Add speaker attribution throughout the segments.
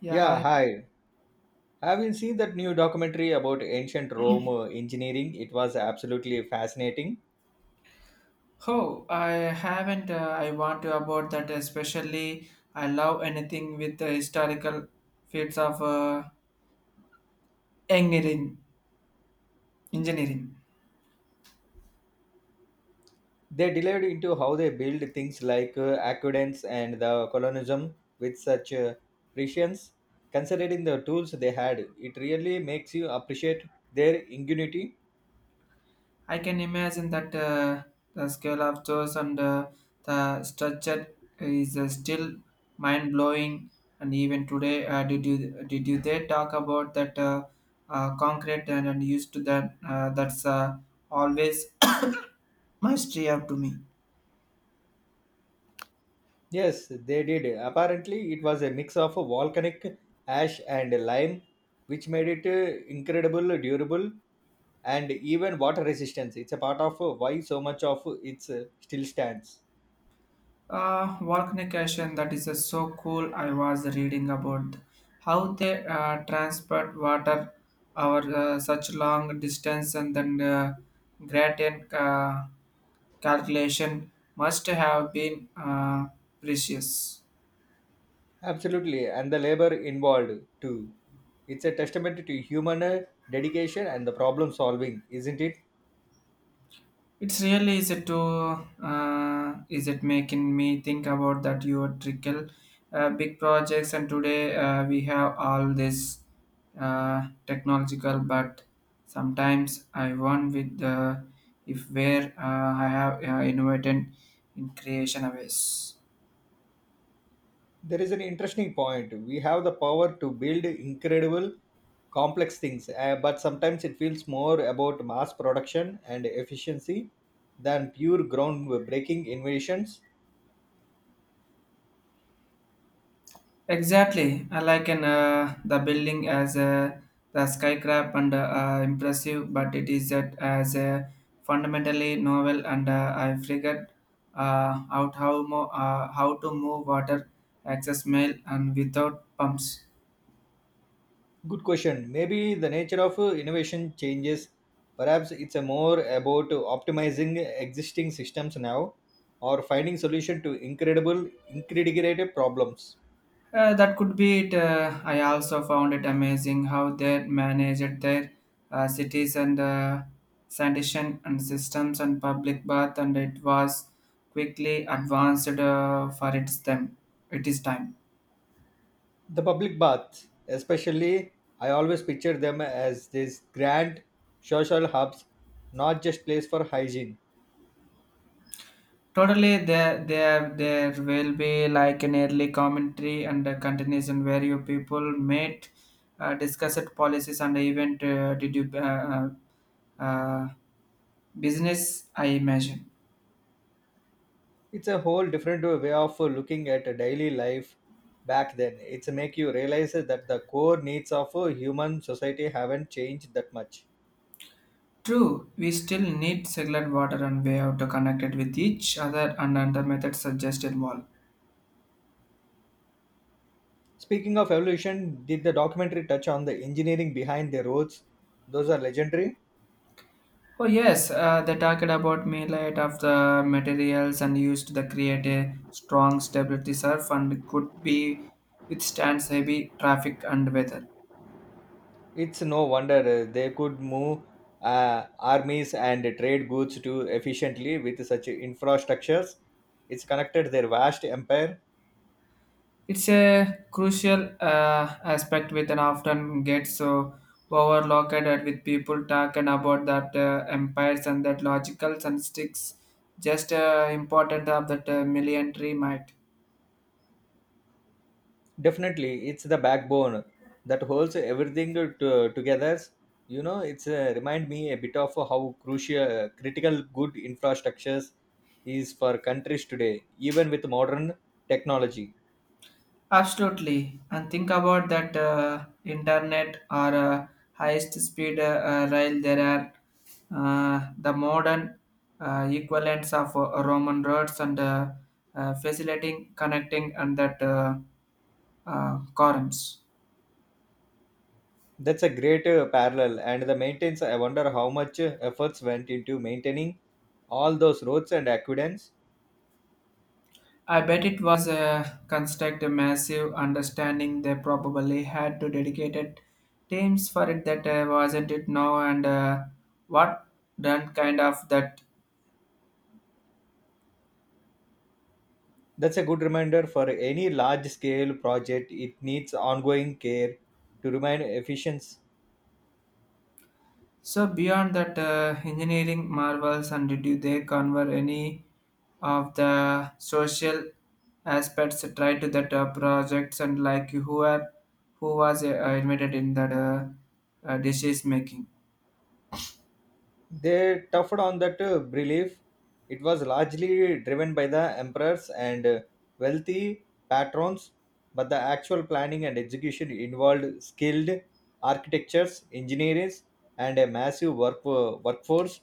Speaker 1: Yeah,
Speaker 2: Yeah,
Speaker 1: hi.
Speaker 2: hi. Have you seen that new documentary about ancient Rome engineering? It was absolutely fascinating.
Speaker 1: Oh, I haven't. I want to about that especially. I love anything with the historical fields of engineering. Engineering.
Speaker 2: They delved into how they built things like aqueducts and the colonialism with such precision. Considering the tools they had, it really makes you appreciate their ingenuity.
Speaker 1: I can imagine that the scale of those and the structure is still mind blowing. And even today, did you they talk about that concrete and used to that? That's always mystery up to me.
Speaker 2: Yes, they did. Apparently, it was a mix of volcanic ash and lime, which made it incredible durable and even water resistance it's a part of why so much of it still stands
Speaker 1: Volcanication, that is so cool. I was reading about how they transport water over such long distance, and then gradient calculation must have been precious.
Speaker 2: absolutely and the labor involved too it's a testament to human dedication and the problem solving isn't it
Speaker 1: It's really is it to is it making me think about that your trickle big projects, and today we have all this technological, but sometimes I wonder with the if where I have innovated in creation of ways.
Speaker 2: there is an interesting point we have the power to build incredible complex things but sometimes it feels more about mass production and efficiency than pure groundbreaking innovations.
Speaker 1: Exactly. I like an, the building as a, the skyscraper and impressive, but it is that as a fundamentally novel, and I figured out how to move water, access mail, and without pumps.
Speaker 2: Good question. Maybe the nature of innovation changes. Perhaps it's a more about optimizing existing systems now or finding solution to incredible problems.
Speaker 1: That could be it. I also found it amazing how they managed their cities and sanitation and systems and public bath, and it was quickly advanced for its them. It is time.
Speaker 2: The public baths, especially, I always picture them as these grand social hubs, not just place for hygiene.
Speaker 1: Totally, there will be like an early commentary and a continuation where you people met, discussed policies, and even did you uh, business? I imagine.
Speaker 2: It's a whole different way of looking at daily life back then. It's make you realize that the core needs of a human society haven't changed that much.
Speaker 1: True, we still need circular water and way out to connect it with each other and under method suggested wall.
Speaker 2: Speaking of evolution, did the documentary touch on the engineering behind the roads? Those are legendary.
Speaker 1: Oh yes, they talked about millite of the materials and used to create a strong stability surf and could be withstands heavy traffic and weather.
Speaker 2: It's no wonder they could move armies and trade goods too efficiently with such infrastructures. It's connected their vast empire.
Speaker 1: It's a crucial aspect with an often gets so overlooked at with people talking about that empires and that logicals and sticks just important of that military might.
Speaker 2: Definitely, it's the backbone that holds everything to, together. You know, it's remind me a bit of how crucial, critical good infrastructures is for countries today, even with modern technology.
Speaker 1: Absolutely, and think about that internet or highest speed rail. There are the modern equivalents of Roman roads and facilitating connecting and that columns.
Speaker 2: That's a great parallel. And the maintenance, I wonder how much efforts went into maintaining all those roads and aqueducts.
Speaker 1: I bet it was a construct a massive understanding. They probably had to dedicated teams for it that wasn't it now, and what done kind of that.
Speaker 2: That's a good reminder for any large scale project. It needs ongoing care to remain efficient.
Speaker 1: So beyond that engineering marvels, and did they convert any of the social aspects tied to that projects, and like who are who was invited in that decision making?
Speaker 2: They toughed on that belief. It was largely driven by the emperors and wealthy patrons, but the actual planning and execution involved skilled architects, engineers, and a massive workforce,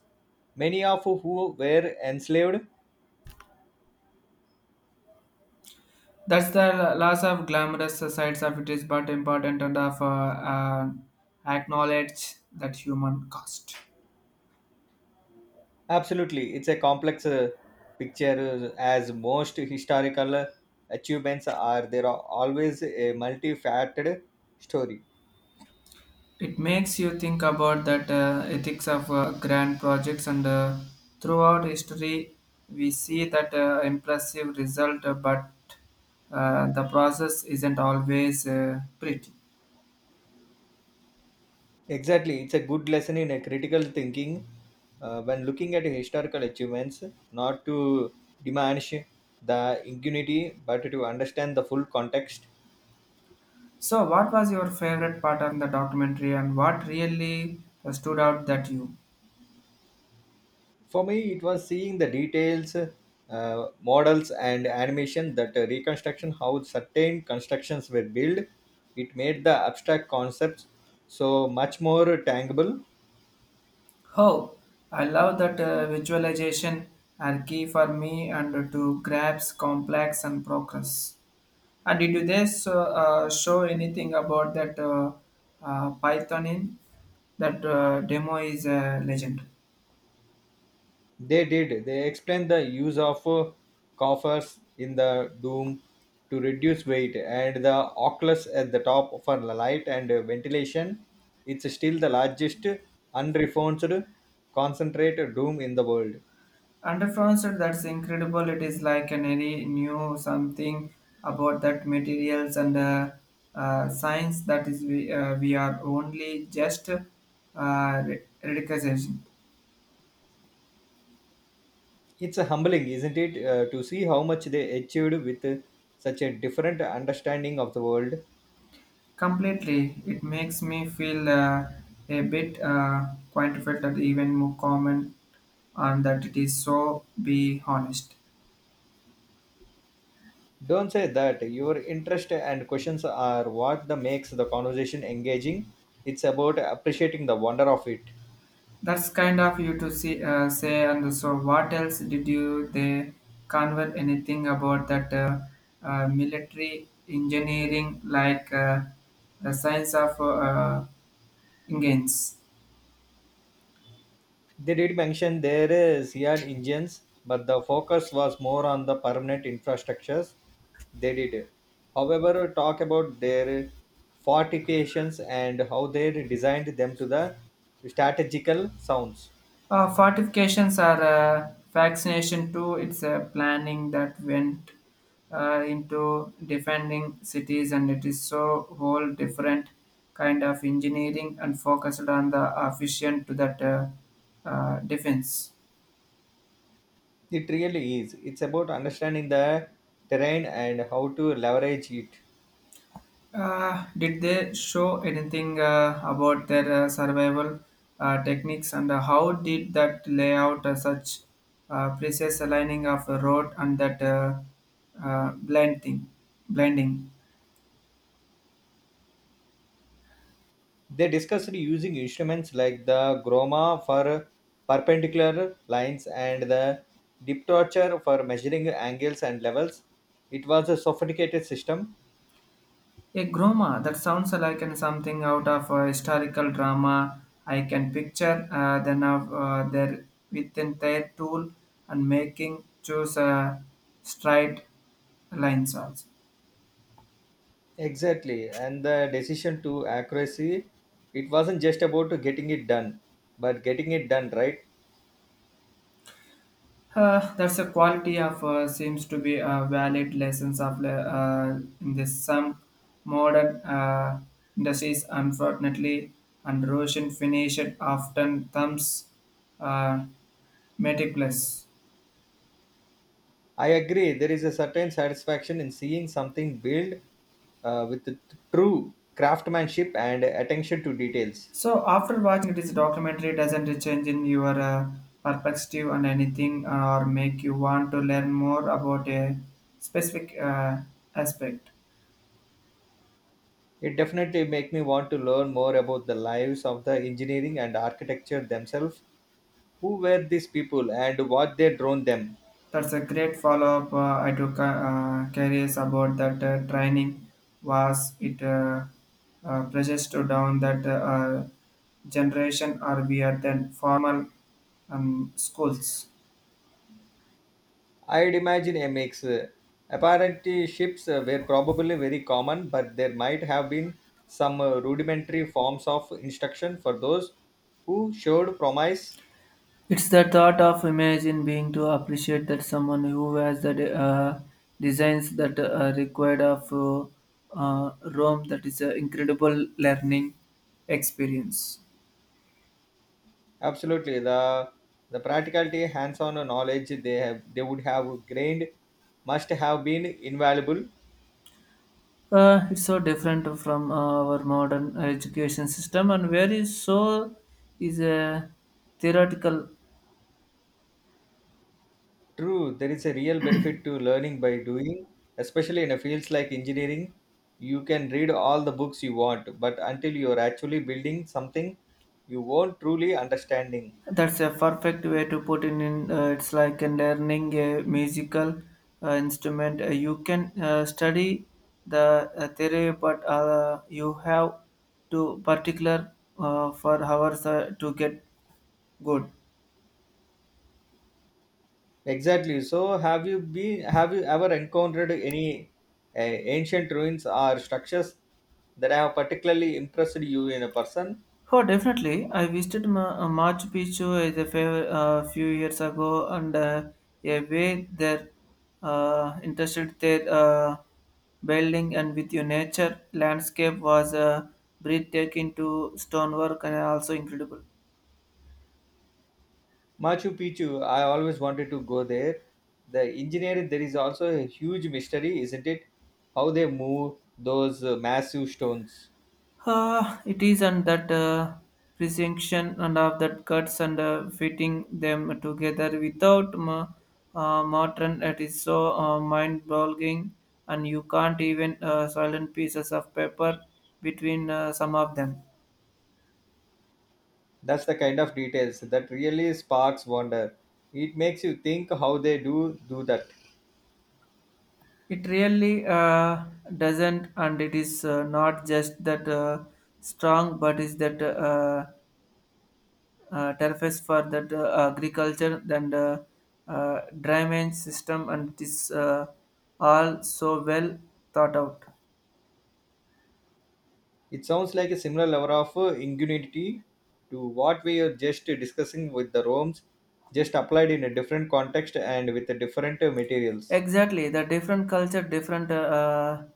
Speaker 2: many of who were enslaved.
Speaker 1: That's the loss of glamorous sides of it is, but important and of uh, acknowledge that human cost.
Speaker 2: Absolutely, it's a complex picture as most historical achievements are. There are always a multifaceted story.
Speaker 1: It makes you think about that ethics of grand projects, and throughout history, we see that impressive result, but the process isn't always pretty.
Speaker 2: Exactly, it's a good lesson in a critical thinking when looking at historical achievements, not to diminish the impunity, but to understand the full context.
Speaker 1: So, what was your favorite part on the documentary, and what really stood out that you?
Speaker 2: For me, it was seeing the details, models, and animation that reconstruction how certain constructions were built. It made the abstract concepts so much more tangible
Speaker 1: Oh, I love that visualization are key for me and to grasp complex and progress. And did you this show anything about that Python in? That demo is a legend.
Speaker 2: They did. They explained the use of coffers in the dome to reduce weight and the oculus at the top for the light and ventilation. It's still the largest unreformed concentrated dome in the world.
Speaker 1: Under France, that's incredible. It is like an any new something about that materials and science that is we are only just ridiculization.
Speaker 2: It's humbling, isn't it, to see how much they achieved with such a different understanding of the world.
Speaker 1: Completely, it makes me feel a bit quantified, that even more common, and that it is so. Be honest.
Speaker 2: Don't say that. Your interest and questions are what the makes the conversation engaging. It's about appreciating the wonder of it.
Speaker 1: That's kind of you to see, say. And so, what else did you they convert anything about that military engineering, like the science of engines?
Speaker 2: They did mention there is Seat engines, but the focus was more on the permanent infrastructures. They did, however, talk about their fortifications and how they designed them to the strategical sounds.
Speaker 1: Fortifications are vaccination too. It's a planning that went into defending cities, and it is so whole different kind of engineering and focused on the efficient to that defense.
Speaker 2: It really is. It's about understanding the terrain and how to leverage it.
Speaker 1: Did they show anything about their survival techniques and how did that layout such precise aligning of the road and that uh, blending blending
Speaker 2: They discussed using instruments like the groma for perpendicular lines and the diptocher for measuring angles and levels. It was a sophisticated system.
Speaker 1: A groma, that sounds like an something out of a historical drama. I can picture there within their tool and making choose straight lines also.
Speaker 2: Exactly, and the decision to accuracy, it wasn't just about getting it done, but getting it done right.
Speaker 1: That's a quality of seems to be a valid lessons of in this some modern industries, unfortunately, and Russian finished often thumbs uh, meticulous.
Speaker 2: I agree, there is a certain satisfaction in seeing something built with true craftsmanship and attention to details.
Speaker 1: So after watching this documentary, doesn't it change in your perspective on anything, or make you want to learn more about a specific aspect?
Speaker 2: It definitely make me want to learn more about the lives of the engineering and architecture themselves. Who were these people and what they drawn them?
Speaker 1: That's a great follow-up. I took curious about that training. Was it precious to down that generation, or we are then formal schools?
Speaker 2: I'd imagine a mix. Apparently, ships were probably very common, but there might have been some rudimentary forms of instruction for those who showed promise.
Speaker 1: It's the thought of imagine being to appreciate that someone who has the designs that are required of Rome, that is an incredible learning experience.
Speaker 2: Absolutely, the practicality, hands-on knowledge they have they would have gained must have been invaluable
Speaker 1: It's so different from our modern education system and very so is a theoretical.
Speaker 2: True, there is a real benefit to learning by doing, especially in a fields like engineering. You can read all the books you want, but until you are actually building something, you won't truly understanding.
Speaker 1: That's a perfect way to put it in. It's like learning a musical instrument. You can study the theory, but you have to particular for hours to get good.
Speaker 2: Exactly. So, have you been? Have you ever encountered any ancient ruins or structures that have particularly impressed you in a person?
Speaker 1: Oh, definitely. I visited Machu Picchu as a few years ago, and a way that interested their building and with your nature landscape was breathtaking to stonework and also incredible.
Speaker 2: Machu Picchu, I always wanted to go there. The engineering, there is also a huge mystery, isn't it? How they move those massive stones.
Speaker 1: It is, and that presentation and of that cuts and fitting them together without modern, it is so mind-boggling, and you can't even silent pieces of paper between some of them.
Speaker 2: That's the kind of details that really sparks wonder. It makes you think how they do that.
Speaker 1: It really doesn't, and it is not just that strong, but is that tariffs for that agriculture and drainage system, and it is all so well thought out.
Speaker 2: It sounds like a similar level of ingenuity to what we are just discussing with the Rome's, just applied in a different context and with a different materials.
Speaker 1: Exactly, the different culture, different uh,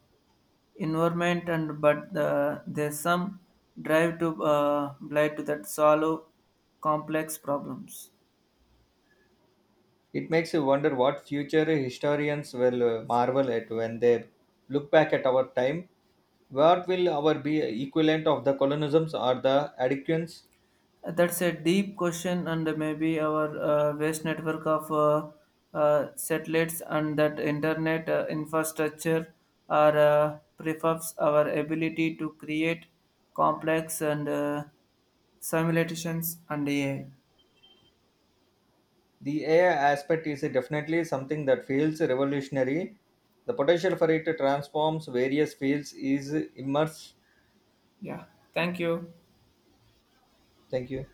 Speaker 1: environment, and but the, there's some drive to blind to that solve complex problems.
Speaker 2: It makes you wonder what future historians will marvel at when they look back at our time. What will our be equivalent of the colonisms or the adequance?
Speaker 1: That's a deep question, and maybe our vast network of satellites and that internet infrastructure are prefabs our ability to create complex and simulations and AI.
Speaker 2: The AI aspect is definitely something that feels revolutionary. The potential for it to transforms various fields is immense.
Speaker 1: Yeah, thank you.
Speaker 2: Thank you.